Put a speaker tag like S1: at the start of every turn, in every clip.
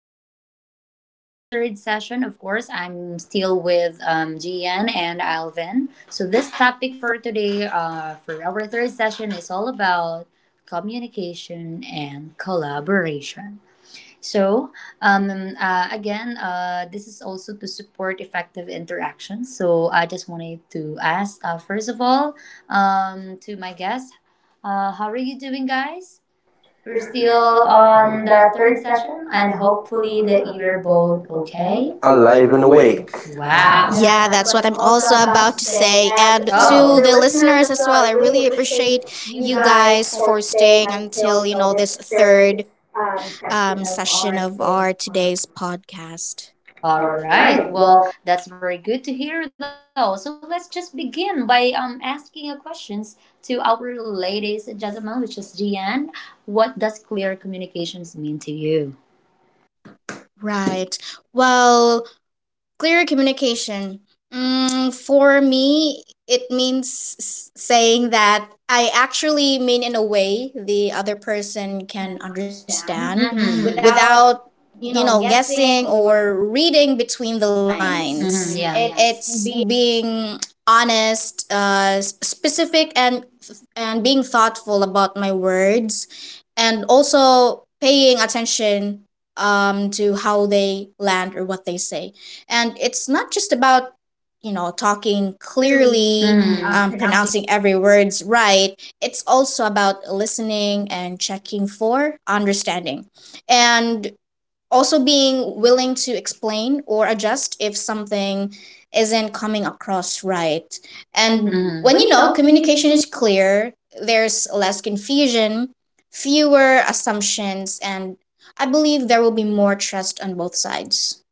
S1: session. Our third session, of course, I'm still with GN and Alvin. So, this topic for today, for our third session, is all about communication and collaboration. So, this is also to support effective interaction. So, I just wanted to ask, first of all, to my guests, how are you doing, guys? We're still on that, and hopefully that you're both okay.
S2: Not
S1: Alive
S3: Alive
S1: and
S3: and
S2: even
S3: awake.
S1: awake.
S2: awake.
S1: Wow.
S3: Yeah,
S2: Yeah,
S3: that's
S2: that's
S3: what
S2: what
S3: I'm
S2: I'm
S3: also
S2: also
S3: about
S2: about
S3: to
S2: to
S3: say.
S2: say.
S3: And
S2: And to
S1: So, Oh,
S2: oh.
S3: the
S2: The
S3: listeners
S2: listeners
S3: as
S2: as
S3: well,
S2: well,
S3: I
S2: I
S3: really
S2: really
S3: appreciate
S2: appreciate
S1: You
S3: you
S2: you
S1: guys
S3: guys
S2: guys
S3: for
S2: for
S3: staying
S2: staying
S3: until,
S2: until,
S3: this
S2: this
S3: third
S2: third
S3: session
S2: session
S3: of
S2: of
S3: our
S2: our
S3: today's
S2: today's
S3: podcast.
S2: podcast.
S1: All right. Well, that's very good to hear, though. So let's just begin by asking a questions to our ladies and gentlemen, which is Gian. What does clear communications mean to you?
S2: Right. Well, clear communication. For me, it means saying that I actually mean in a way the other
S1: You
S2: person
S1: can
S2: can
S1: understand.
S2: understand
S1: Mm-hmm. Without,
S2: without,
S1: you
S2: you
S1: know,
S2: know,
S1: guessing
S2: guessing
S1: or
S2: or reading
S1: the
S2: between the
S1: lines. Mm-hmm,
S2: lines.
S1: yeah. It's
S2: It's
S1: being
S2: being honest, specific, and being thoughtful about my words, and also paying attention to how they land or what they say, and it's not just about talking
S1: clearly.
S2: clearly,
S1: Mm. Pronounced.
S2: pronouncing every words right. It's also about listening and checking for understanding, and also being willing to explain or adjust if something isn't coming across right. And
S1: And Mhm.
S2: when
S1: When, you know,
S2: communication
S1: communication.
S2: is clear, there's less confusion, fewer assumptions, and I believe there will be more trust on both sides.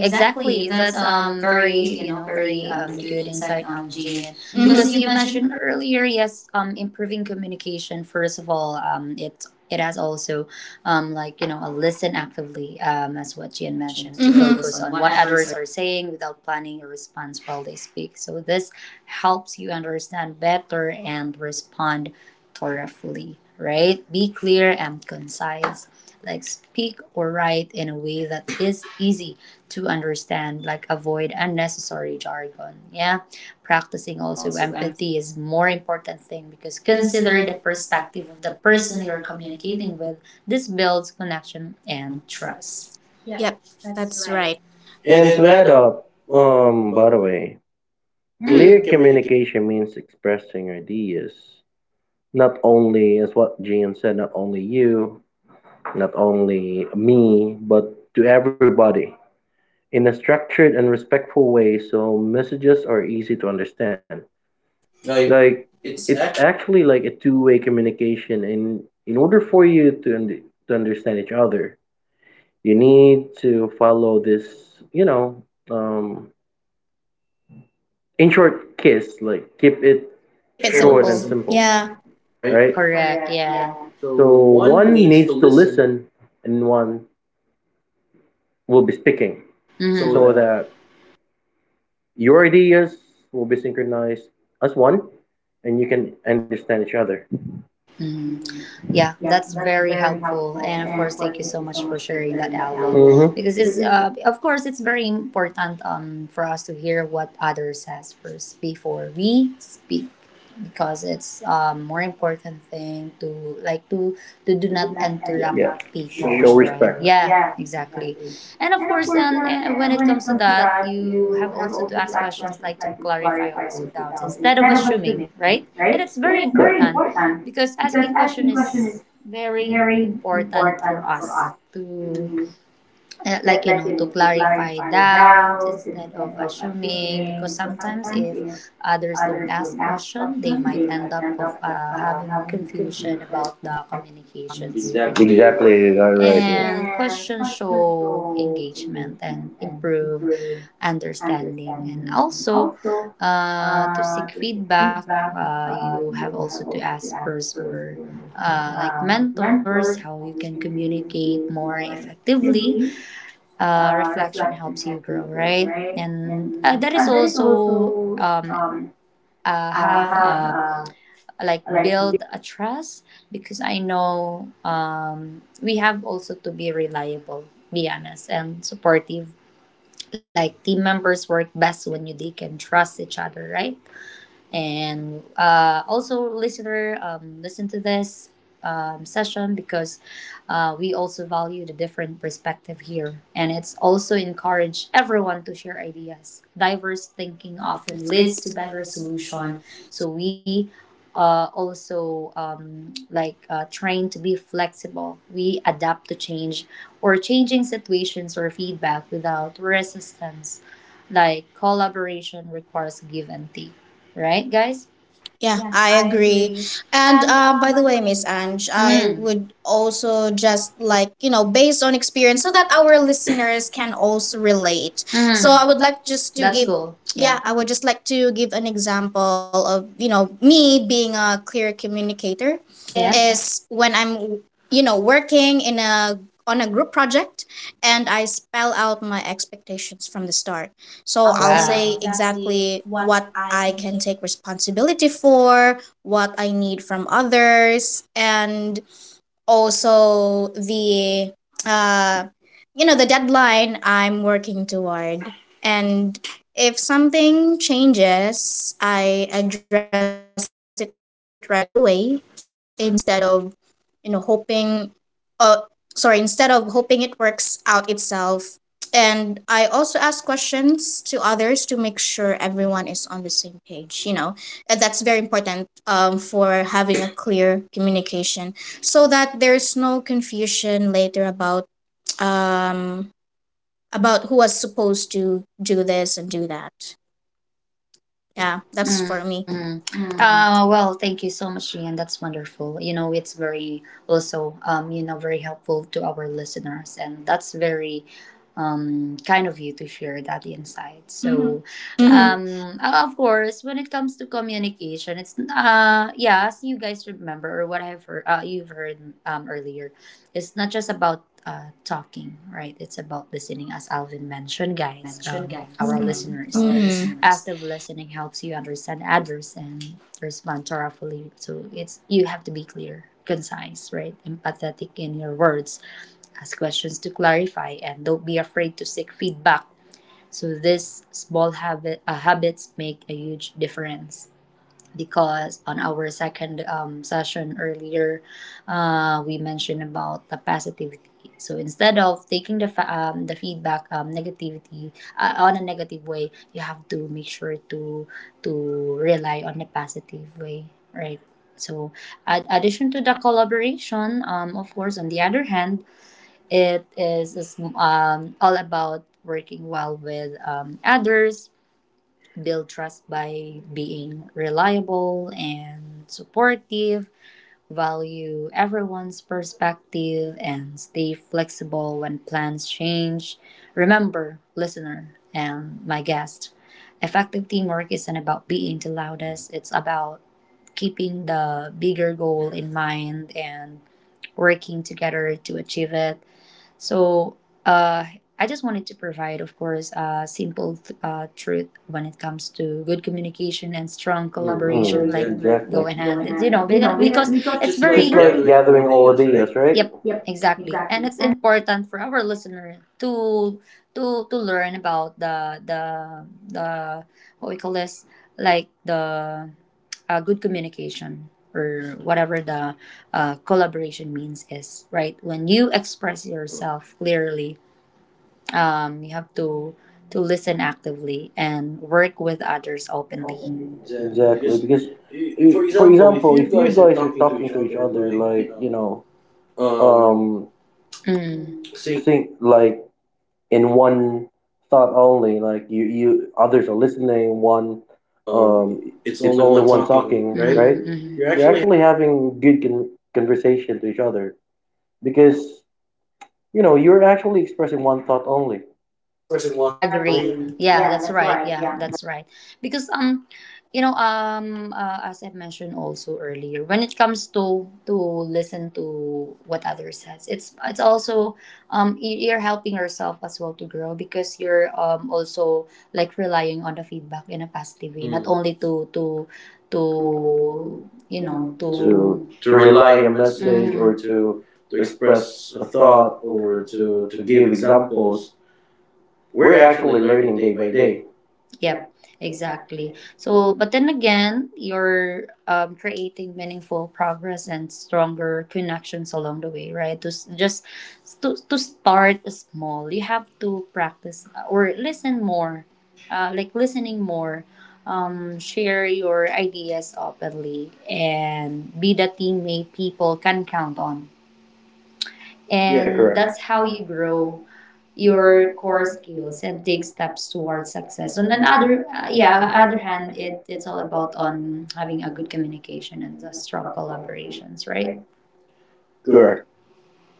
S1: Exactly. That's very, very good insight, Gian, because you
S2: Mhm.
S1: mentioned earlier, yes, improving communication, first of all, it has also, like, you know, a listen actively, as what Gian mentioned to. Mhm.
S2: Mhm.
S1: Focus on what others are saying without planning a response while they speak. So this helps you understand better and respond thoroughly. Right? Be clear and concise. Like speak or write in a way that is easy to understand, like avoid unnecessary jargon. Yeah. Practicing also empathy is more important thing because consider the perspective of the person you're communicating with. This builds connection and trust. Yeah,
S2: Yep,
S1: that's
S2: that's right.
S1: right. And
S3: And
S2: And
S1: to.
S3: to add up, by the way,
S1: Mm. Actually
S3: clear
S1: communicate.
S3: communication means expressing ideas. Not only, as what Gian said, not only you, not only me, but to everybody in a structured and respectful way so messages are easy to understand.
S2: like
S3: Like
S2: it's
S3: it's
S2: actually
S3: actually like a two-way communication, and in order for you to to understand each other you need to follow this, um in short, kiss, like keep it
S2: keep it sure,
S3: short
S2: simple.
S3: and
S2: Simple.
S3: simple.
S2: Yeah.
S3: Yeah,
S1: Right?
S3: right,
S1: Correct. Yeah. So
S3: so
S1: one
S3: one
S1: needs to
S3: needs to
S1: listen.
S3: listen and one will be speaking
S1: Mhm. So
S3: so
S1: that.
S3: that your ideas will be synchronized as one and you can understand each other.
S1: Mm. Yeah, that's very helpful. And of course, thank you so much for sharing that, Alvin. Mhm.
S3: Mhm.
S1: Because it's, of course, it's very important, for us to hear what others says first before we speak. Because it's, more important thing to like to do not interrupt people. Show respect. Yeah, exactly. And of course, when it comes to that, you have also to ask questions like to clarify to doubt instead of assuming, right? And it's very important because asking questions is very important for us to, like, to clarify doubt instead of assuming because sometimes if others don't ask question, they might end up of having confusion about the communications.
S3: You
S1: Exactly.
S3: right.
S1: And questions show engagement and improve understanding and also to seek feedback. You have also to ask peers or like mentors how you can communicate more effectively. Reflection helps you grow, right? And that is also, have, like build a trust because I know, we have also to be reliable, be honest and supportive, like team members work best when you, they can trust each other, right? And also listener, listen to this session because we also value the different perspective here and it's also encourage everyone to share ideas, diverse thinking often leads to better solution. So we also, like train to be flexible, we adapt to change or changing situations or feedback without resistance, like collaboration requires give and take. Right, guys?
S2: Yeah,
S1: Yeah,
S2: I
S1: I agree.
S2: agree. And
S1: And
S2: by the way, Miss
S1: Ange,
S2: Ange, I, mm-hmm,
S1: I
S2: would also just like, you know, based on
S1: agree.
S2: experience
S1: So
S2: so
S1: that
S2: that our
S1: our
S2: listeners
S1: listeners
S2: can
S1: also
S2: also
S1: relate.
S2: relate.
S1: Mhm. So
S2: So, mm-hmm, I
S1: I
S2: would like
S1: was
S2: just
S1: to.
S2: to, that's
S1: That's
S2: give,
S1: cool.
S2: cool, yeah,
S1: Yeah, yeah.
S2: I
S1: I would
S2: would just like to give an example of, you know, me being a clear communicator.
S1: is.
S2: Yeah.
S1: Yeah.
S2: Is when I'm, you know, working in a, on a group project, and I spell out my expectations from the start.
S1: So
S2: So
S1: I'll.
S2: I'll
S1: Wow.
S2: say
S1: Say exactly
S2: exactly
S1: what
S2: what I
S1: I can
S2: can
S1: take.
S2: take responsibility for, what I need from others, and also the uh the deadline I'm working toward. And if something changes, I address it right away instead of hoping uh sorry, instead of hoping it works out itself. And I also ask questions to others to make sure everyone is on the same page, and that's very important, for having a clear communication, so that there's no confusion later about um about who was supposed to do this and do that. Yeah, that's for me.
S1: Mm. Well, thank you so much, Ian. That's wonderful. You know, it's very also, you know, very helpful to our listeners, and that's very kind of you to share that insight. So,
S2: Mm-hmm.
S1: of course, when it comes to communication, it's yeah, as you guys remember or what I've heard, you've heard, earlier, it's not just about talking, right? It's about listening, as Alvin mentioned, guys, our listeners
S2: Mm-hmm.
S1: active listening helps you understand others and respond thoughtfully. So it's you have to be clear, concise, right? Empathetic in your words. Ask questions to clarify and don't be afraid to seek feedback. So these habits make a huge difference because on our second session earlier, we mentioned about the positivity. So instead of taking the the feedback negativity, on a negative way, you have to make sure to rely on the positive way, right? So, addition to the collaboration, of course, on the other hand, is all about working well with, others, build trust by being reliable and supportive, value everyone's perspective, and stay flexible when plans change. Remember, listener and my guest, effective teamwork isn't about being the loudest, it's about keeping the bigger goal in mind and working together to achieve it. So uh, I just wanted to provide, of course, a simple truth when it comes to good communication and
S3: Mm,
S1: strong. Mm, collaboration, like exactly. Go in hand. It's, you know, because it's just like very
S3: it's
S1: like
S3: gathering all ideas, right?
S1: exactly, and it's important for our listener to to learn about the what we call this, like the good communication or whatever the collaboration means is right. When you express yourself clearly, you have to listen actively and work with others openly. Exactly,
S3: Exactly.
S1: because
S3: Because,
S1: for
S3: for
S1: example, if
S3: example, if
S1: you
S3: you
S1: guys are
S3: guys are
S1: talking to
S3: talking
S1: each
S3: to each
S1: other,
S3: other,
S1: like,
S3: like,
S1: you
S3: you
S1: know,
S3: know,
S1: um,
S3: um,
S1: Sync,
S3: think like in one thought only, like you others are listening one, um it's only one talking, right?
S1: right? Mm, mm.
S3: You're
S1: You're
S3: actually
S1: actually.
S3: having good conversation to each other because, you know, you're actually expressing one
S2: Actually,
S3: thought
S2: expressing
S3: only.
S2: one thought.
S1: Agree. Yeah, that's right. Yeah, that's right. Because, you know, as I mentioned also earlier, when it comes to listen to what others says, it's also, you're helping yourself as well to grow because you're, also like relying on the feedback in a positive way, not. Mm. Only to, you
S3: You
S1: know,
S3: know, to to
S1: to
S3: to
S1: rely.
S3: rely a
S1: Mhm.
S3: message or to
S1: To
S3: express
S1: a
S3: a
S1: thought
S3: thought
S1: or
S3: or
S1: to
S3: to
S1: give.
S3: give examples,
S1: We're
S3: we're
S1: actually
S3: actually learning
S1: day
S3: day
S1: by
S3: by
S1: day.
S3: day.
S1: Yep, exactly. So, but then again, you're, creating meaningful progress and stronger connections along the way, right? Just to start small, you have to practice, or listen more, like listening more. Share your ideas openly and be the teammate people can count on. Yeah,
S3: Yeah,
S1: and
S3: and
S1: correct.
S3: correct.
S1: That's
S3: That's
S1: how
S3: how
S1: you
S3: you
S1: grow
S3: grow.
S1: your core skills and take steps towards success. On another, yeah, other hand, it's all about on having a good communication and a strong collaborations, right?
S3: Correct,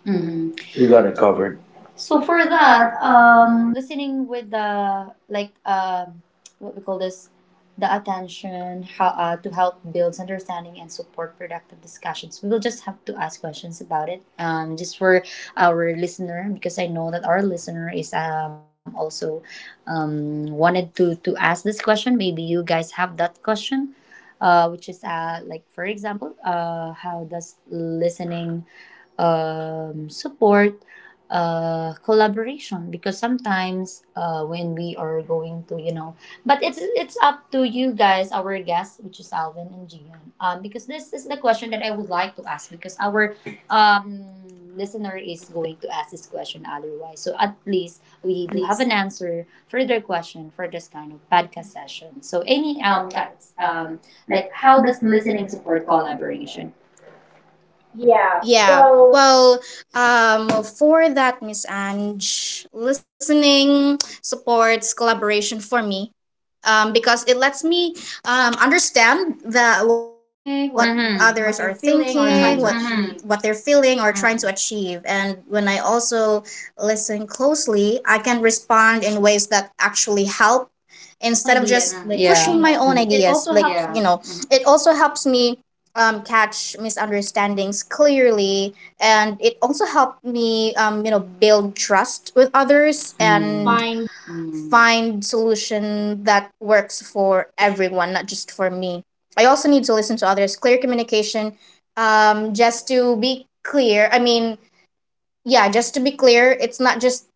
S1: Hmm. We
S3: you
S1: got
S3: got
S1: it
S3: it
S1: covered.
S3: covered.
S1: So for that, listening with the like, what we call this, the attention how to help builds understanding and support productive discussions. We will just have to ask questions about it. Just for our listener because I know that our listener is, also, wanted to ask this question. Maybe you guys have that question, which is like for example, how does listening, support, collaboration. Because sometimes when we are going to, you know, but it's up to you guys, our guests, which is Alvin and Gian, because this is the question that I would like to ask because our, um, listener is going to ask this question otherwise. So at least we do have an answer for their question for this kind of podcast session. So any, um like how does listening support collaboration?
S3: Yeah.
S2: Yeah.
S3: Well.
S2: Well, for that, Miss Ange, listening supports collaboration for me. Because it lets me understand the what others are
S1: Think, what. Mhm.
S2: thinking,
S1: What
S2: what
S1: they're feeling or
S2: what
S1: mm-hmm.
S2: they're
S1: trying to
S2: feeling or
S1: achieve.
S2: trying to achieve, and when I also listen closely, I can respond in ways that actually help instead of
S1: My
S2: just
S1: own ideas,
S2: pushing my
S1: like.
S2: own
S1: Yeah. You know,
S2: ideas.
S1: Mhm.
S2: Like,
S1: it also
S2: you know,
S1: helps.
S2: it also helps me catch misunderstandings clearly, and it also helped me, you know, build trust with others
S1: Mm.
S2: and
S1: Find.
S2: find solution that works for everyone, not just for me. I also need to listen to others clear communication. Just to be clear, I mean, yeah, just to be clear, it's not just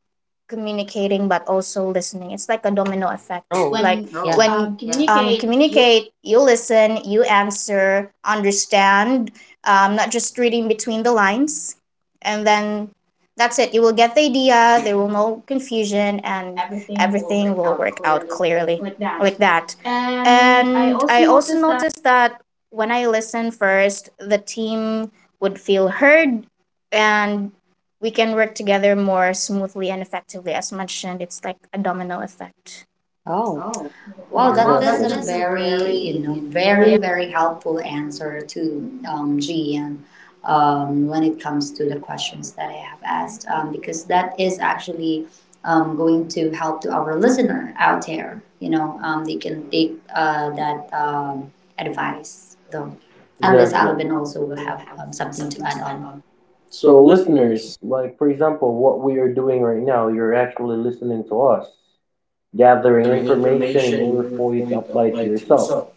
S2: communicating but also listening. It's like a domino effect.
S1: Oh,
S2: Like
S1: when, yeah.
S2: when
S1: Communicate. You
S2: communicate, you listen, you answer, understand, not just reading between the lines. And then that's it. You will get the idea, there will no confusion, and
S1: everything will
S2: everything
S1: work
S2: will
S1: out
S2: work out
S1: clearly
S2: clearly
S1: like that.
S2: like that.
S1: And I
S2: And
S1: also
S2: I also
S1: noticed that.
S2: noticed that when I listen first, the team would feel heard, and we can work together more smoothly and effectively. As mentioned, it's like a domino effect.
S1: Oh, wow,
S2: Yeah.
S1: that is. Exactly. A very,
S3: Exactly.
S1: you know, very, very helpful answer to, G and, when it comes to the questions that I have asked, because that is actually, going to help to our listener out there. You know, they can take that, advice, though, unless. Exactly. Alvin also
S3: Exactly.
S1: will have, something to add on. So,
S3: So, listeners,
S1: listeners.
S3: like for example, what we are doing right now, you're actually listening to us, gathering
S2: Gathering
S3: information in
S2: information in
S3: order
S2: order
S3: for you
S2: for
S3: to
S2: you to
S3: apply it
S2: apply
S3: to
S2: it to
S3: yourself.
S2: yourself.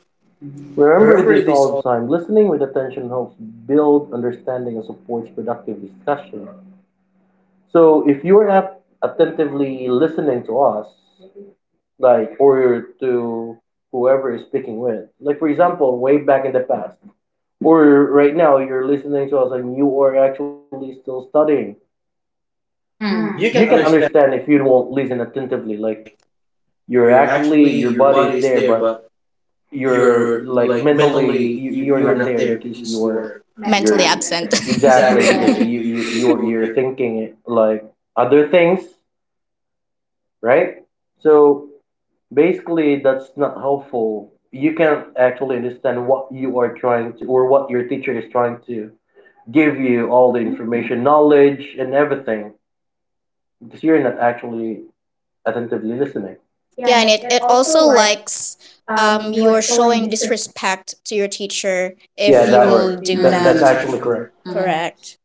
S3: Remember
S2: Remember
S3: this
S2: this
S3: all
S2: all
S3: the time: listening with attention helps build understanding and supports productive discussion. So, if you're at attentively listening to us, like or to whoever is speaking with. Like for example, way back in the past, or right now you're listening to us and you are actually still studying.
S1: Mm.
S3: You
S1: You
S3: can
S1: can understand
S3: understand if you won't listen attentively. Like,
S2: like
S3: you're
S2: you're
S3: actually,
S2: actually
S3: your
S2: your
S3: body
S2: body
S3: is
S2: is
S3: there,
S2: there
S3: but
S2: but
S3: you're
S2: you're
S3: like
S2: like
S3: mentally,
S2: mentally
S3: you're
S2: you're
S3: not
S2: not
S3: there
S2: there
S3: because
S2: because
S3: you're
S2: you're
S3: mental, you're
S2: mentally, yeah,
S3: asset.
S2: absent.
S3: Exactly, because
S2: Exactly.
S3: you
S2: you,
S3: you
S2: you,
S3: you're you're
S2: you're.
S3: thinking like other things, right? So basically that's not helpful, you can't actually understand what you are trying to, or what your teacher is trying to give you, all the information, knowledge, and everything, because you're not actually attentively listening. Yeah,
S2: Yeah,
S3: and
S2: and
S3: it,
S2: it,
S3: it
S2: it
S3: also
S2: also
S3: like
S2: likes
S3: you're
S2: you're
S3: showing
S2: showing
S3: disrespect.
S2: disrespect to your teacher
S3: If
S2: if,
S3: yeah
S2: yeah, you that
S3: that
S2: will
S3: word
S2: word do
S1: that.
S3: that,
S1: That's.
S3: that's
S1: Mm.
S2: that.
S3: actually
S1: Actually
S3: correct.
S1: correct.
S2: Correct.
S1: Mhm.
S2: Correct.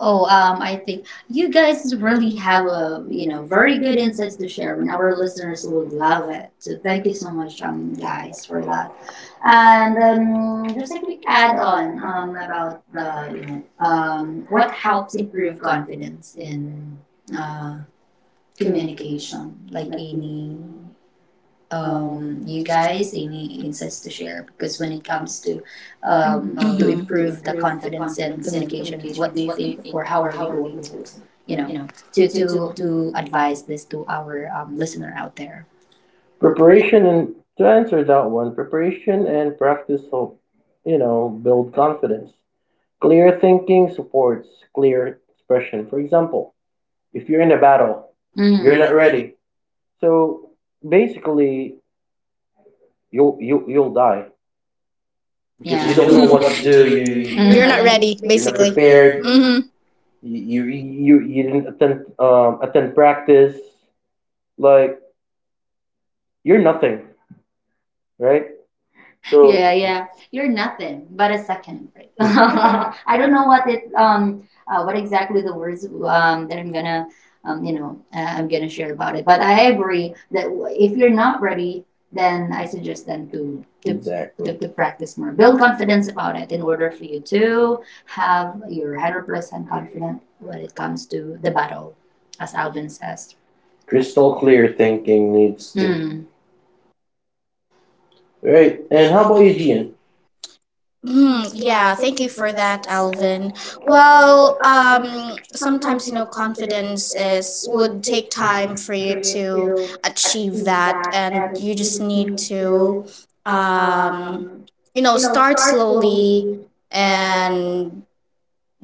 S1: Oh, I think you guys really have a, you know, very good insights to share, and our listeners will love it. So thank you so much, guys, for that. And quick add on, about the, you know, what helps improve confidence in uh communication. Like any, you guys any insights to share because when it comes to, Mhm.
S2: Mhm.
S1: to improve the confidence in communication, what do you think or how are we going to? You know, to advise this to our, listener out there. Preparation.
S3: Preparation. And to answer that one, preparation and practice help, you know, build confidence. Clear thinking supports clear expression. For example, if you're in a battle,
S1: Mm.
S3: you're
S1: You're
S3: not
S1: not,
S3: ready. So basically, you'll die
S1: because.
S3: because, yeah,
S1: Yeah.
S3: you
S1: You
S3: don't
S1: don't.
S2: Don't
S3: know
S2: know
S3: what
S2: what
S3: to
S2: to
S3: do.
S2: do.
S3: You,
S2: You,
S3: you
S1: Mm.
S2: you're
S1: Not
S2: not ready, you're
S1: ready.
S2: not
S3: basically, you're not
S2: basically
S3: prepared.
S2: prepared. Mm-hmm.
S3: Mhm. You you you didn't attend attend practice. Like, you're nothing, right?
S1: So,
S3: So
S1: yeah, yeah. You're nothing but a second rate. I don't know what it, what exactly the words, that I'm gonna, you know, I'm gonna share about it. But I agree that if you're not ready, then I suggest them to
S3: exactly.
S1: practice more. Build confidence about it in order for you to have your 100% confident when it comes to the battle, as Alvin says.
S3: Crystal
S1: Crystal clear.
S3: clear thinking needs.
S1: Mm. Right.
S3: Right.
S2: Great.
S3: And
S1: And
S2: And
S3: how
S2: how
S3: about
S2: about
S3: you,
S2: you,
S1: Ian.
S2: Gian?
S3: Gian? Mm,
S2: Yeah,
S3: yeah, thank
S2: thank
S3: you
S2: you
S3: for
S2: for
S3: that,
S2: that,
S3: Alvin.
S2: Alvin.
S3: Well,
S2: Well,
S3: sometimes
S2: sometimes you
S3: no
S2: know
S3: confidence
S2: confidence
S3: is
S2: is
S3: would
S2: would take
S3: take
S2: time
S3: time for
S2: for you
S3: you
S2: to
S3: to achieve
S2: achieve
S3: that,
S2: that,
S3: and
S2: and
S3: you
S2: you
S3: just
S2: just
S3: need
S2: need
S3: to,
S2: to,
S3: um,
S2: um,
S3: you
S2: you know,
S3: know,
S2: start
S3: start slowly
S2: slowly
S3: and
S2: and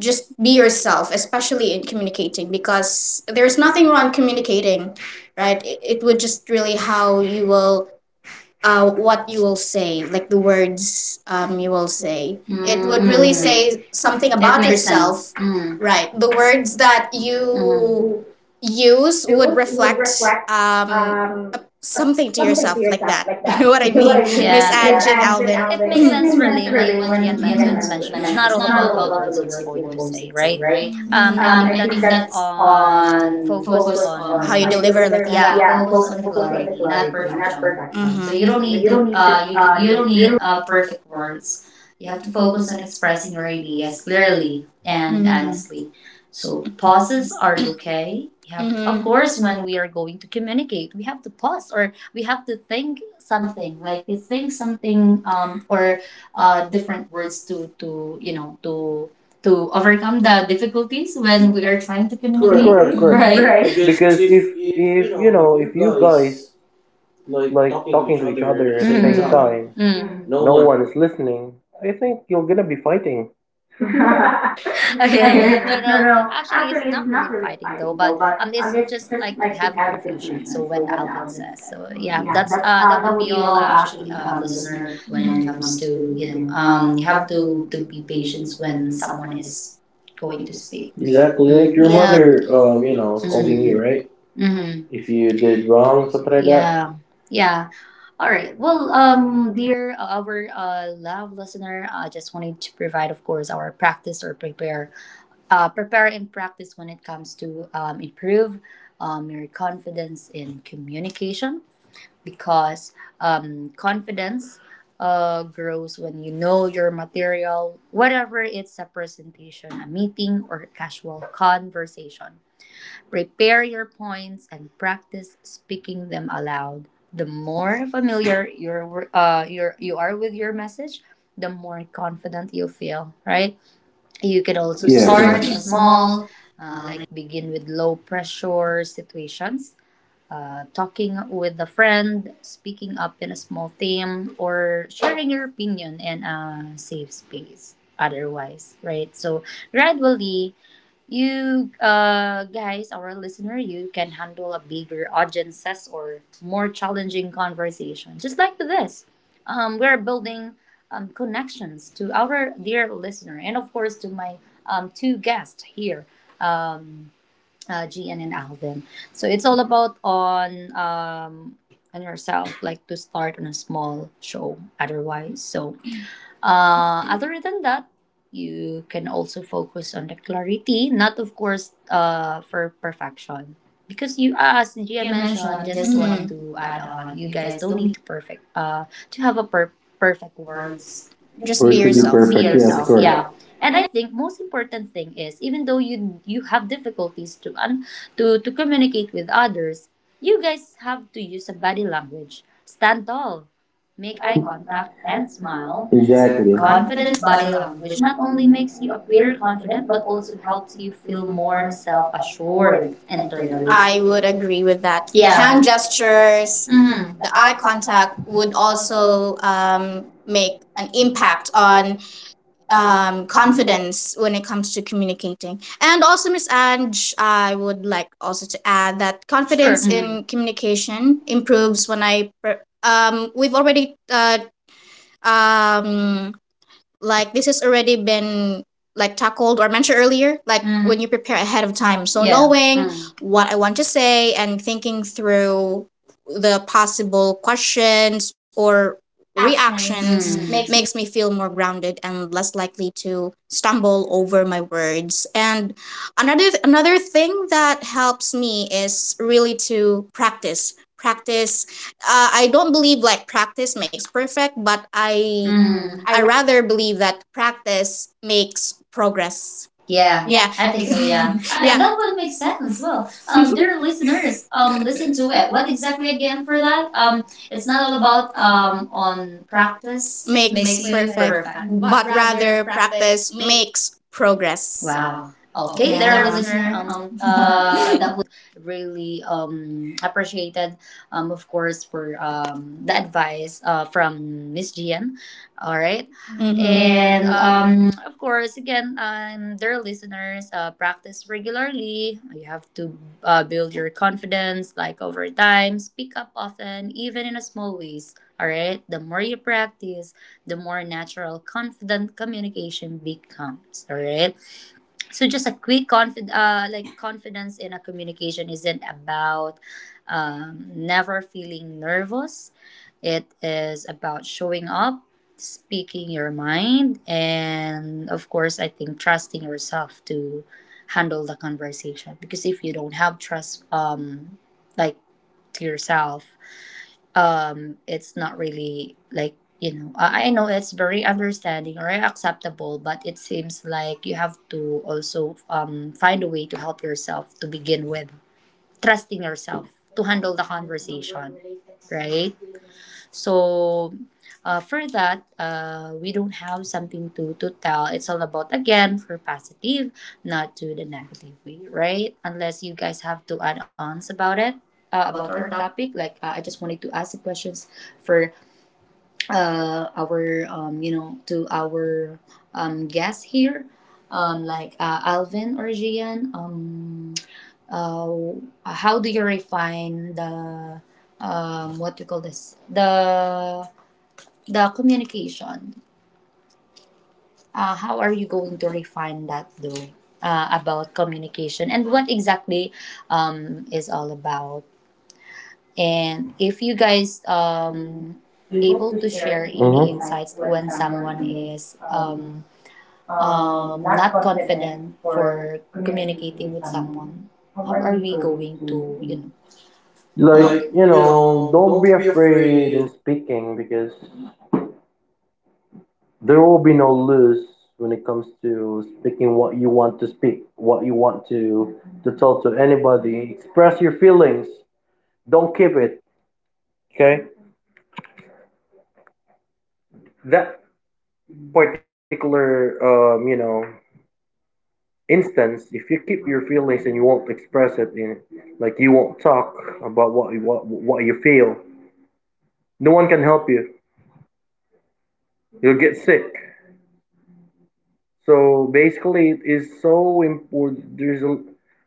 S3: just be
S2: be
S3: yourself,
S2: yourself,
S3: especially
S2: especially in
S3: in communicating,
S2: communicating,
S3: because
S2: because
S3: there's
S2: there's
S3: nothing
S2: nothing
S3: wrong
S2: wrong
S3: communicating,
S2: communicating,
S3: right?
S2: right?
S3: It,
S2: It,
S3: it
S2: it
S3: would
S2: would
S3: just
S2: just
S3: really
S2: really
S3: how
S2: how you
S3: you will
S2: will
S3: what
S2: what
S3: you
S2: you will
S3: will say,
S2: say,
S3: like
S2: like
S3: the
S2: the
S3: words
S2: words
S3: you
S2: you
S1: You
S2: will
S3: will
S1: will
S3: say.
S1: say.
S2: say.
S1: Mm. It
S2: It
S1: would
S2: would really
S1: really
S2: say
S3: Say
S1: say
S2: something
S3: something
S1: something It
S2: that
S3: about
S1: about it
S2: about that
S1: makes yourself. Sense.
S2: yourself,
S1: Mm.
S3: it, right.
S2: right?
S1: Right.
S3: The
S1: The
S2: The
S1: word
S3: words
S2: words
S3: that
S2: that
S1: you
S3: you
S2: you
S3: use
S1: use,
S2: use would
S3: would reflect
S2: reflect
S3: um,
S2: a,
S3: uh,
S2: something to
S3: something to
S2: yourself,
S3: yourself,
S2: like that.
S3: like that.
S2: You know what
S3: You
S2: I
S3: know what
S2: mean,
S3: I mean?
S2: Miss, yeah,
S1: yeah.
S2: Ange and
S3: And Jen,
S2: Alvin?
S3: Alvin,
S1: Really, when
S2: Mhm.
S1: mentioned, it's not all about what you're going to say, right? I
S2: Mm.
S1: on on
S2: You deliver like
S3: deliver.
S1: yeah the clarity. So you don't
S3: Mhm.
S2: mm-hmm.
S1: need to you you don't need perfect words. You have to focus on expressing your ideas clearly and
S2: Mhm.
S1: honestly. So pauses are okay. You have to, of
S2: Mhm.
S1: course when we are going to communicate, we have to pause or we have to think something like we think something or different words to you know to overcome the difficulties when we are trying to communicate,
S2: Work.
S1: correct, right?
S2: Mhm.
S3: Correct.
S1: Because
S2: Because if
S1: if
S3: Because
S1: if you
S3: if you
S1: know if
S3: know,
S1: you
S3: if you guys
S1: guys like
S3: like
S1: talking to
S3: talking
S1: each
S3: to each
S1: other at the
S3: other at the
S1: same Mhm. time.
S3: time,
S1: Mm. No
S3: no
S1: one.
S3: one is listening. I think you're gonna be fighting.
S1: Okay, yeah.
S2: no,
S1: No, actually it's not really fighting though, but it's just like to have a confusion. So when Alvin says, so yeah, that's that would be all. Actually, listener, when it comes to you know you have to be patient when someone is going to speak.
S2: exactly
S3: Exactly
S1: Exactly. Mm. Like
S3: like
S2: like your,
S1: your
S3: your
S1: yeah
S2: yeah, mother,
S1: mother,
S3: mother,
S1: you
S2: you
S3: you
S2: know,
S1: know,
S3: know,
S1: scolding Mhm.
S3: scolding
S1: you,
S3: you,
S1: right?
S3: right?
S1: Mm-hmm. If
S3: If
S1: you
S3: you
S1: did
S3: did wrong,
S1: something
S3: something
S1: like that.
S3: like
S1: Yeah
S3: that.
S1: yeah. All right. Well, dear our love listener, I just wanted to provide, of course, our practice or prepare, prepare and practice when it comes to improve your confidence in communication, because confidence grows when you know your material, whatever it's a presentation, a meeting, or casual conversation. Prepare your points and practice speaking them aloud. The more familiar you are with your message, the more confident you feel, right? You can also
S3: Yeah, correct.
S1: small, like begin with low pressure situations, talking with a friend, speaking up in a small team, or sharing your opinion in a safe space otherwise, right? So gradually, you guys, our listener, you can handle a bigger audiences or more challenging conversation, just like this. We're building connections to our dear listener, and of course to my two guests here, um, Gian and Alvin. So it's all about on yourself, like to start on a small show. Otherwise, so other than that, you can also focus on the clarity, not of course for perfection. Because you, as Gia mentioned, just Mhm. wanted
S2: mhm,
S1: to add on, you
S2: need
S1: guys don't need to perfect to have a perfect words. Be or
S2: just
S1: to
S2: be
S1: be
S3: Or to be
S1: yourself.
S2: yourself.
S1: Be perfect, yes,
S3: perfect, yes,
S1: yourself, right. Yeah.
S3: correct.
S1: And I think most important thing is even though you have difficulties to to communicate with others, you guys have to use a body language. Stand tall, make eye contact, smile.
S2: Exactly.
S3: Exactly.
S1: Confident body language not only makes you appear confident but also helps you feel more self assured internally. I
S2: I would
S1: would.
S2: agree with that.
S1: Yeah.
S2: Hand gestures,
S1: Mm.
S2: the eye contact would also make an impact on confidence when it comes to communicating. And also, Miss Ange, I would like also to add that
S1: Confidence
S2: confidence
S1: sure, mm-hmm.
S2: in
S1: in
S2: communication
S1: communication improves
S2: improves when I. We've already um, like this has already been like tackled or mentioned earlier like when you prepare ahead
S1: ahead
S2: of
S1: of time.
S2: time,
S1: So
S2: so
S1: yeah, knowing
S2: knowing
S1: Mm. what
S2: what I want to say and thinking through the possible questions or
S1: reactions
S2: reactions
S1: Mm. makes
S2: makes me feel more grounded and less likely to stumble over my words. And another thing that helps me is really to practice. Practice. I don't believe like practice makes perfect, but
S1: me.
S2: I
S1: Mm.
S2: I
S1: I
S2: rather believe that practice makes progress.
S1: yeah.
S2: Yeah.
S1: Yeah. I think so, yeah. Yeah. That would make sense. As Well, dear listeners, listen to it. What exactly again for that? It's not all about on practice makes makes you perfect.
S2: Perfect.
S1: Perfect. But
S2: But rather practice
S1: mix.
S2: makes progress.
S1: Wow. Okay, there, listener.
S2: Yeah.
S1: That would really appreciated. Of course, for the advice from Miss Gian. All right, and
S2: Mhm.
S1: of course, again, dear listeners, practice regularly. You have to build your confidence, like over time. Speak up often, even in a small ways. All right, the more you practice, the more natural, confident communication becomes. All right, so just a quick like confidence in a communication isn't about never feeling nervous. It is about showing up, speaking your mind, and of course I think trusting yourself to handle the conversation. Because if you don't have trust, like, to yourself, it's not really like you know I know it's very understanding or acceptable, but it seems like you have to also find a way to help yourself to begin with trusting yourself to handle the conversation, right? So, for that, we don't have something to tell. It's all about, again, for positive, not to the negative way, right? Unless you guys have to add ons about it, about our topic. Like, I just wanted to ask the questions for our you know to our guests here, like Alvin or Gian, how do you refine the what do you call this the communication, how are you going to refine that though, about communication and what exactly is all about. And if you guys able to share any insights when someone
S3: Mm-hmm.
S1: is not confident for communicating with someone, how are we going to you know?
S3: Like, you know, don't be afraid in speaking, because there will be no lose when it comes to speaking what you want to speak, what you want to tell to anybody. Express your feelings. Don't keep it. Okay? That particular, you know, instance, if you keep your feelings and you won't express it, in like you won't talk about what you, what you feel, no one can help you. You'll get sick. So basically, it is so important.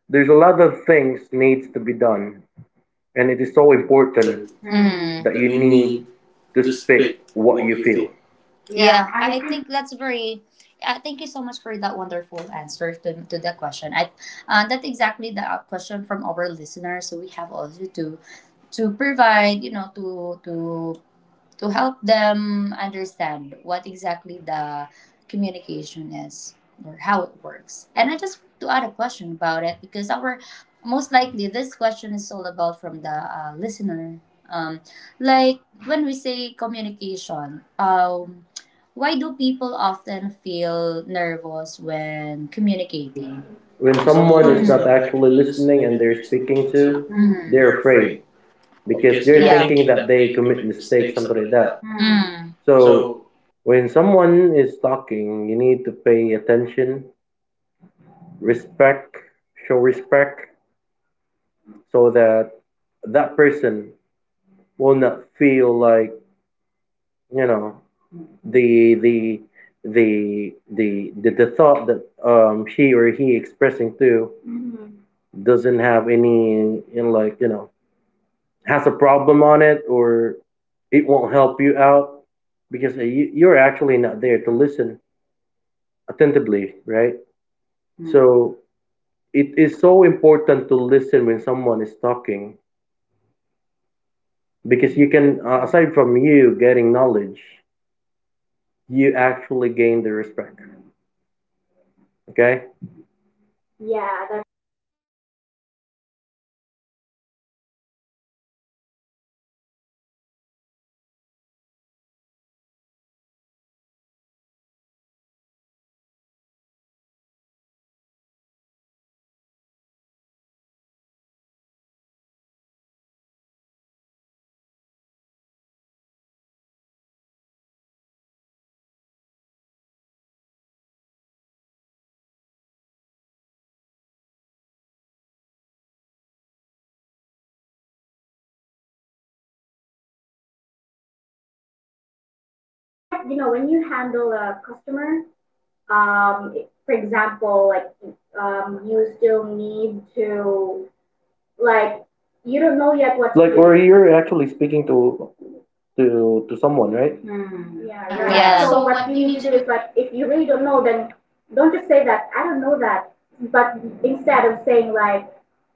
S3: There's a lot of things needs to be done, and it is so important
S1: Mm.
S3: that you need to speak what
S1: What
S3: you
S1: you
S3: feel.
S1: feel. Yeah, I think that's very. Thank you so much for that wonderful answer to that question. I that's exactly the question from our listeners. So we have also to provide you know to help them understand what exactly the communication is or how it works. And I just want to add a question about it because our most likely this question is all about from the listener. Um, like when we say communication, why do people often feel nervous when communicating?
S3: When
S1: When
S3: someone
S1: someone
S3: is
S1: is
S3: not
S1: Mhm. not
S3: actually listening
S1: listening
S3: and
S1: and
S3: they're
S1: they're
S3: speaking
S1: speaking to,
S3: to,
S1: Mhm.
S3: they're
S1: they're
S3: afraid
S1: afraid
S3: because
S1: because they're
S3: they're
S1: yeah
S3: thinking
S1: thinking
S3: that
S1: that
S3: they
S1: they
S3: commit
S1: commit
S3: mistakes,
S1: mistakes,
S3: something
S1: something
S3: like
S1: like
S3: that.
S1: that. Mm.
S3: So
S1: So
S3: when someone is talking, you need to pay attention, respect, show
S2: Show
S3: respect,
S2: respect
S3: so
S2: so
S3: that
S2: that
S3: that
S2: that
S3: person
S2: person
S3: will
S2: will
S3: not
S2: not
S3: feel
S2: feel
S3: like,
S2: like,
S3: you
S2: you
S3: know,
S2: know,
S3: the
S2: the
S3: the the thought that she or he expressing through
S2: do mm-hmm,
S3: doesn't
S2: doesn't
S3: have
S2: have
S3: any,
S2: any, you
S3: in
S2: know,
S3: like,
S2: like,
S3: you
S2: you
S3: know,
S2: know,
S3: has a
S2: has a
S3: problem
S2: problem
S3: on
S2: on
S3: it,
S2: it,
S3: or
S2: or
S3: it
S2: it
S3: won't
S2: won't
S3: help
S2: help
S3: you
S2: you out.
S3: out because, you're actually not there to listen attentively, right? Mm, so it is so important to listen when someone is talking, because you can, aside from you getting knowledge, you actually gain the respect. Okay,
S2: Yeah, that's right, Alvin. And also for me to answer Miss Ange question. So most people, as mentioned by Alvin, that they feel nervous because they fear being judged or making mistakes. It's actually natural. We're just human, but the key is realizing that everyone makes mistakes and what matters is expressing yourself clearly and authentically. And also just a personal experience as well when handling because we are um, so yeah it, it's
S3: it's
S2: like,
S3: like,
S2: you
S3: you
S2: know,
S3: know,
S2: when
S3: when
S2: you
S3: you handle
S2: handle a
S3: a
S2: customer,
S3: customer, um
S2: for
S3: for
S2: example
S3: example,
S2: like
S3: like
S2: you
S3: you still
S2: still
S3: need
S2: need to,
S3: to,
S2: like,
S3: like,
S2: you
S3: you
S2: don't
S3: don't
S2: know
S3: know
S2: yet
S3: yet
S2: what
S3: what to,
S2: to, like,
S3: like, do,
S2: do
S3: or
S2: where you're
S3: you're actually
S2: actually
S3: speaking
S2: speaking to,
S3: to
S2: to
S3: to someone,
S2: someone, right?
S3: right?
S2: Yeah,
S1: yeah, right.
S3: Yeah,
S2: right.
S1: Yeah.
S2: So
S3: so
S1: So
S2: what
S3: what
S1: what
S2: you
S3: you
S1: you
S2: need
S3: need
S2: to
S1: need
S3: to
S1: to
S2: do
S3: do
S1: do is
S2: is
S3: is,
S2: like
S3: like,
S2: if
S3: if
S2: you
S3: you
S2: really
S3: really
S2: don't
S3: don't
S2: know,
S3: know,
S2: then
S3: then
S2: don't
S3: don't
S2: just
S3: just
S2: say
S3: say
S2: that
S3: that
S2: I
S3: I
S2: don't
S3: don't
S2: know
S3: know
S2: that,
S3: that,
S2: but
S3: but
S2: instead
S3: instead
S2: of
S3: of
S2: saying
S3: saying
S2: like
S3: like,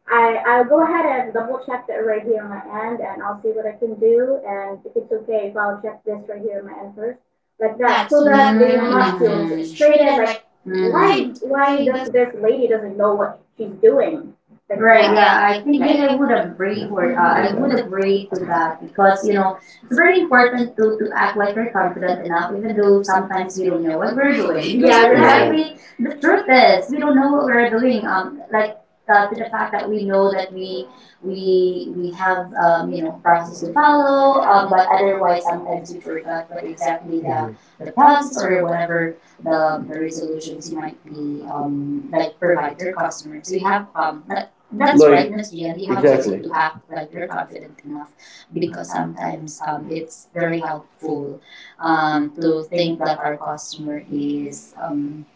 S2: I,
S3: I,
S2: I'll
S3: I'll
S2: go
S3: go
S2: ahead
S3: ahead
S2: and
S3: and
S2: double
S3: double
S2: check
S3: check
S2: that
S3: that
S2: right
S3: right
S2: here
S3: here
S2: on
S3: on
S2: my
S3: my
S2: end
S3: end
S2: and
S3: and
S2: I'll
S3: I'll see
S2: see what
S3: what
S2: I
S3: I
S2: can
S3: can
S2: do
S3: do,
S2: and
S3: and if
S2: if it's
S3: it's
S2: okay
S3: okay
S2: if
S3: if
S2: I'll
S3: I'll
S2: check
S3: check this
S2: this right
S3: right
S2: here
S3: here
S2: on
S3: on
S2: my
S3: my
S2: end
S3: end first,
S2: first, like
S3: like
S1: like
S2: that
S3: that.
S1: that
S2: so
S3: So
S1: so that
S2: that they
S1: mm-hmm. they
S2: will
S1: will
S2: not
S1: not
S2: feel
S1: feel Mhm.
S2: frustrated,
S3: treated
S1: frustrated.
S2: like
S3: like,
S1: Mhm. Why
S3: why
S2: why
S1: why the
S2: does
S3: does this
S2: this lady
S3: lady
S2: doesn't
S3: doesn't
S2: know
S3: know
S2: what
S3: what
S2: she's
S3: she's
S2: doing,
S3: doing?
S2: like
S1: like right, that? Yeah,
S2: that.
S1: I think
S2: You I, mhm.
S1: agree to that. Because, you know, it's very important enough, even though sometimes we don't know what we're doing.
S2: Yeah, right.
S3: Right.
S1: Because this, we don't know. We know that we have you know process to follow. Otherwise, you forgot what exactly the process or whatever the resolutions you might be like provide to your customer. So you have like that's strategy and you have to act like you're confident enough, because sometimes it's very helpful to think that our customer is um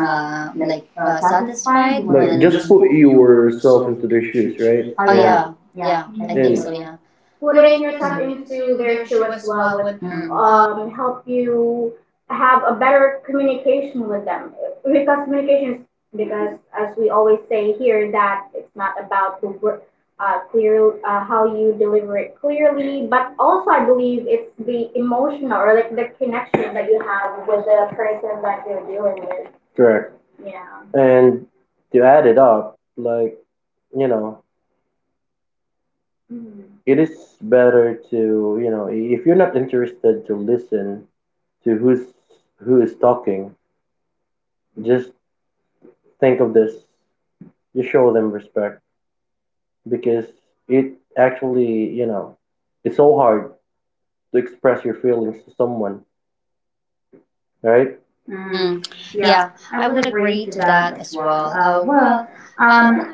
S1: uh like satisfied when like, just
S3: Put
S1: put
S3: yourself
S1: yourself
S3: into
S1: into
S3: their
S1: their
S3: shoes,
S1: shoes,
S3: right?
S1: right? Oh
S3: And
S1: yeah. Yeah, I Mhm. think so,
S2: Mm.
S1: yeah.
S2: Putting
S3: putting
S1: Putting
S2: yourself
S3: yourself
S1: yourself Mm.
S2: into
S3: into
S1: into
S2: their
S3: their
S1: their
S2: shoe
S3: shoe
S1: shoe
S3: as
S2: as
S1: as
S2: well
S3: well,
S1: well
S2: would
S1: would Mm.
S2: help
S3: help
S2: you
S3: you
S2: have
S3: have
S2: a
S3: a
S2: better
S3: better
S2: communication
S3: communication
S2: with
S3: with
S2: them,
S3: them,
S2: because
S3: because
S2: communication
S3: communication is,
S2: is,
S3: because
S2: because
S3: as
S2: as we
S3: we always
S2: always say
S3: say
S2: here
S3: here,
S2: that
S3: that
S2: it's
S3: it's not
S2: not about
S3: about
S2: the
S3: the
S2: word,
S3: word, clear
S2: clear how
S3: how
S2: you
S3: you
S2: deliver
S3: deliver
S2: it
S3: it
S2: clearly
S3: clearly,
S2: but
S3: but
S2: also
S3: also
S2: I
S3: I
S2: believe
S3: believe it's
S2: it's the
S3: the
S2: emotional
S3: emotional,
S2: or
S3: or
S2: like
S3: like
S2: the
S3: the
S2: connection
S3: connection
S2: that
S3: that
S2: you
S3: you
S2: have
S3: have
S2: with
S3: with
S2: the
S3: the
S2: person
S3: person
S2: that
S3: that
S2: you're
S3: you're dealing
S2: dealing
S3: with.
S2: with. Correct.
S3: Correct.
S2: Yeah.
S3: Yeah.
S2: And
S3: And
S2: to
S3: to
S2: add
S3: add it
S2: it up,
S3: up,
S2: like,
S3: like,
S2: you
S3: you
S2: know,
S3: know, mm,
S2: mm-hmm, it
S3: it is
S2: is better.
S3: better to, you know, if you're not interested to listen to who is talking, just think of this. You show them respect, because it actually, you know, it's so hard to express your feelings to someone, right?
S1: Mm, yeah, I would agree to that as well. Well, um,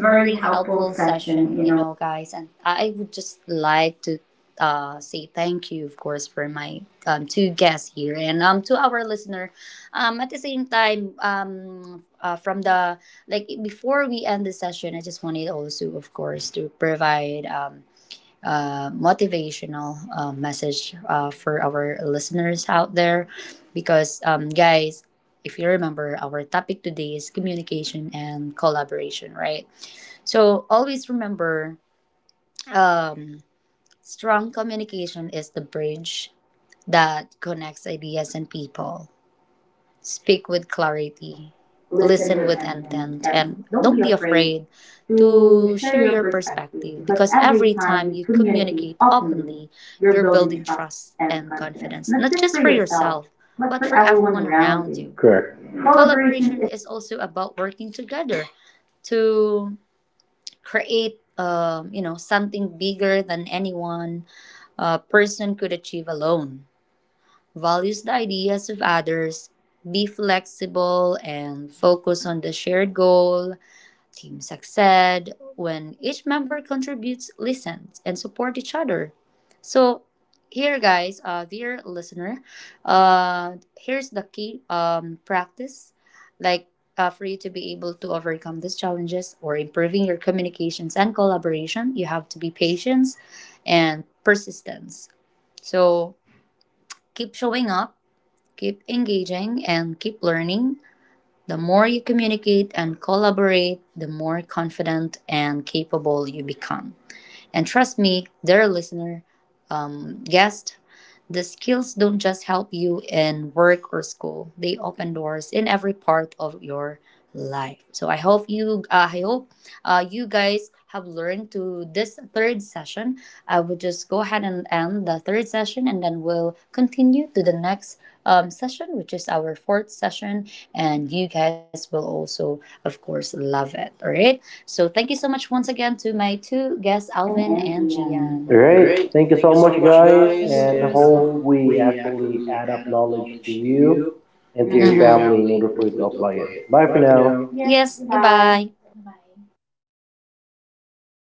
S1: very helpful session, you know, guys, and I would just like to say thank you, of course, for my two guests here and to our listener. At the same time, from the like before we end the session, I just wanted also, of course, to provide motivational message for our listeners out there. Because, guys, if you remember, our topic today is communication and collaboration, right? So always remember um, strong communication is the bridge that connects ideas and people. Speak with clarity, listen with intent, and don't be afraid to share your perspective, because every time you communicate openly, you're building trust and confidence, not just for yourself, but for everyone around you.
S3: Correct.
S1: Collaboration is also about working together to create, you know, something bigger than anyone, a person could achieve alone. Values the ideas of others, be flexible, and focus on the shared goal, team success. When each member contributes, listens, and support each other. So, here, guys, dear listener, here's the key practice, like, for you to be able to overcome these challenges or improving your communications and collaboration, you have to be patient and persistence. So, keep showing up, keep engaging, and keep learning. The more you communicate and collaborate, the more confident and capable you become. And trust me, dear listener, guest, the skills don't just help you in work or school. They open doors in every part of your life. So I hope I hope you guys have learned to this third session. I will just go ahead and end the third session, and then we'll continue to the next session, which is our fourth session. And you guys will also, of course, love it. All right. So thank you so much once again to my two guests, Alvin and
S2: All
S3: All
S1: Gian.
S2: right.
S3: right.
S1: Alright,
S2: Thank
S3: Thank
S2: you
S3: you
S2: so
S3: so
S2: much,
S3: much,
S2: guys.
S3: guys,
S2: Thank you,
S1: guys,
S2: and I,
S3: and
S2: Miss, I
S1: and
S2: hope
S3: hope
S2: Ange.
S1: hope
S2: We
S3: we
S2: actually
S3: actually
S2: add
S3: add
S2: up
S3: up
S2: knowledge
S3: knowledge
S2: to
S3: to
S2: you
S3: you
S1: you
S2: and
S3: and to
S1: and to
S3: your
S1: your Mhm.
S3: family
S2: family
S3: in
S2: in order
S3: order
S2: for
S3: for
S2: you
S3: you
S2: to
S3: to
S2: apply
S3: apply
S2: it.
S3: it.
S1: family.
S2: Bye
S3: Bye
S2: for
S3: for
S2: now.
S3: now.
S1: Yes,
S3: Bye.
S1: goodbye.
S2: Bye bye.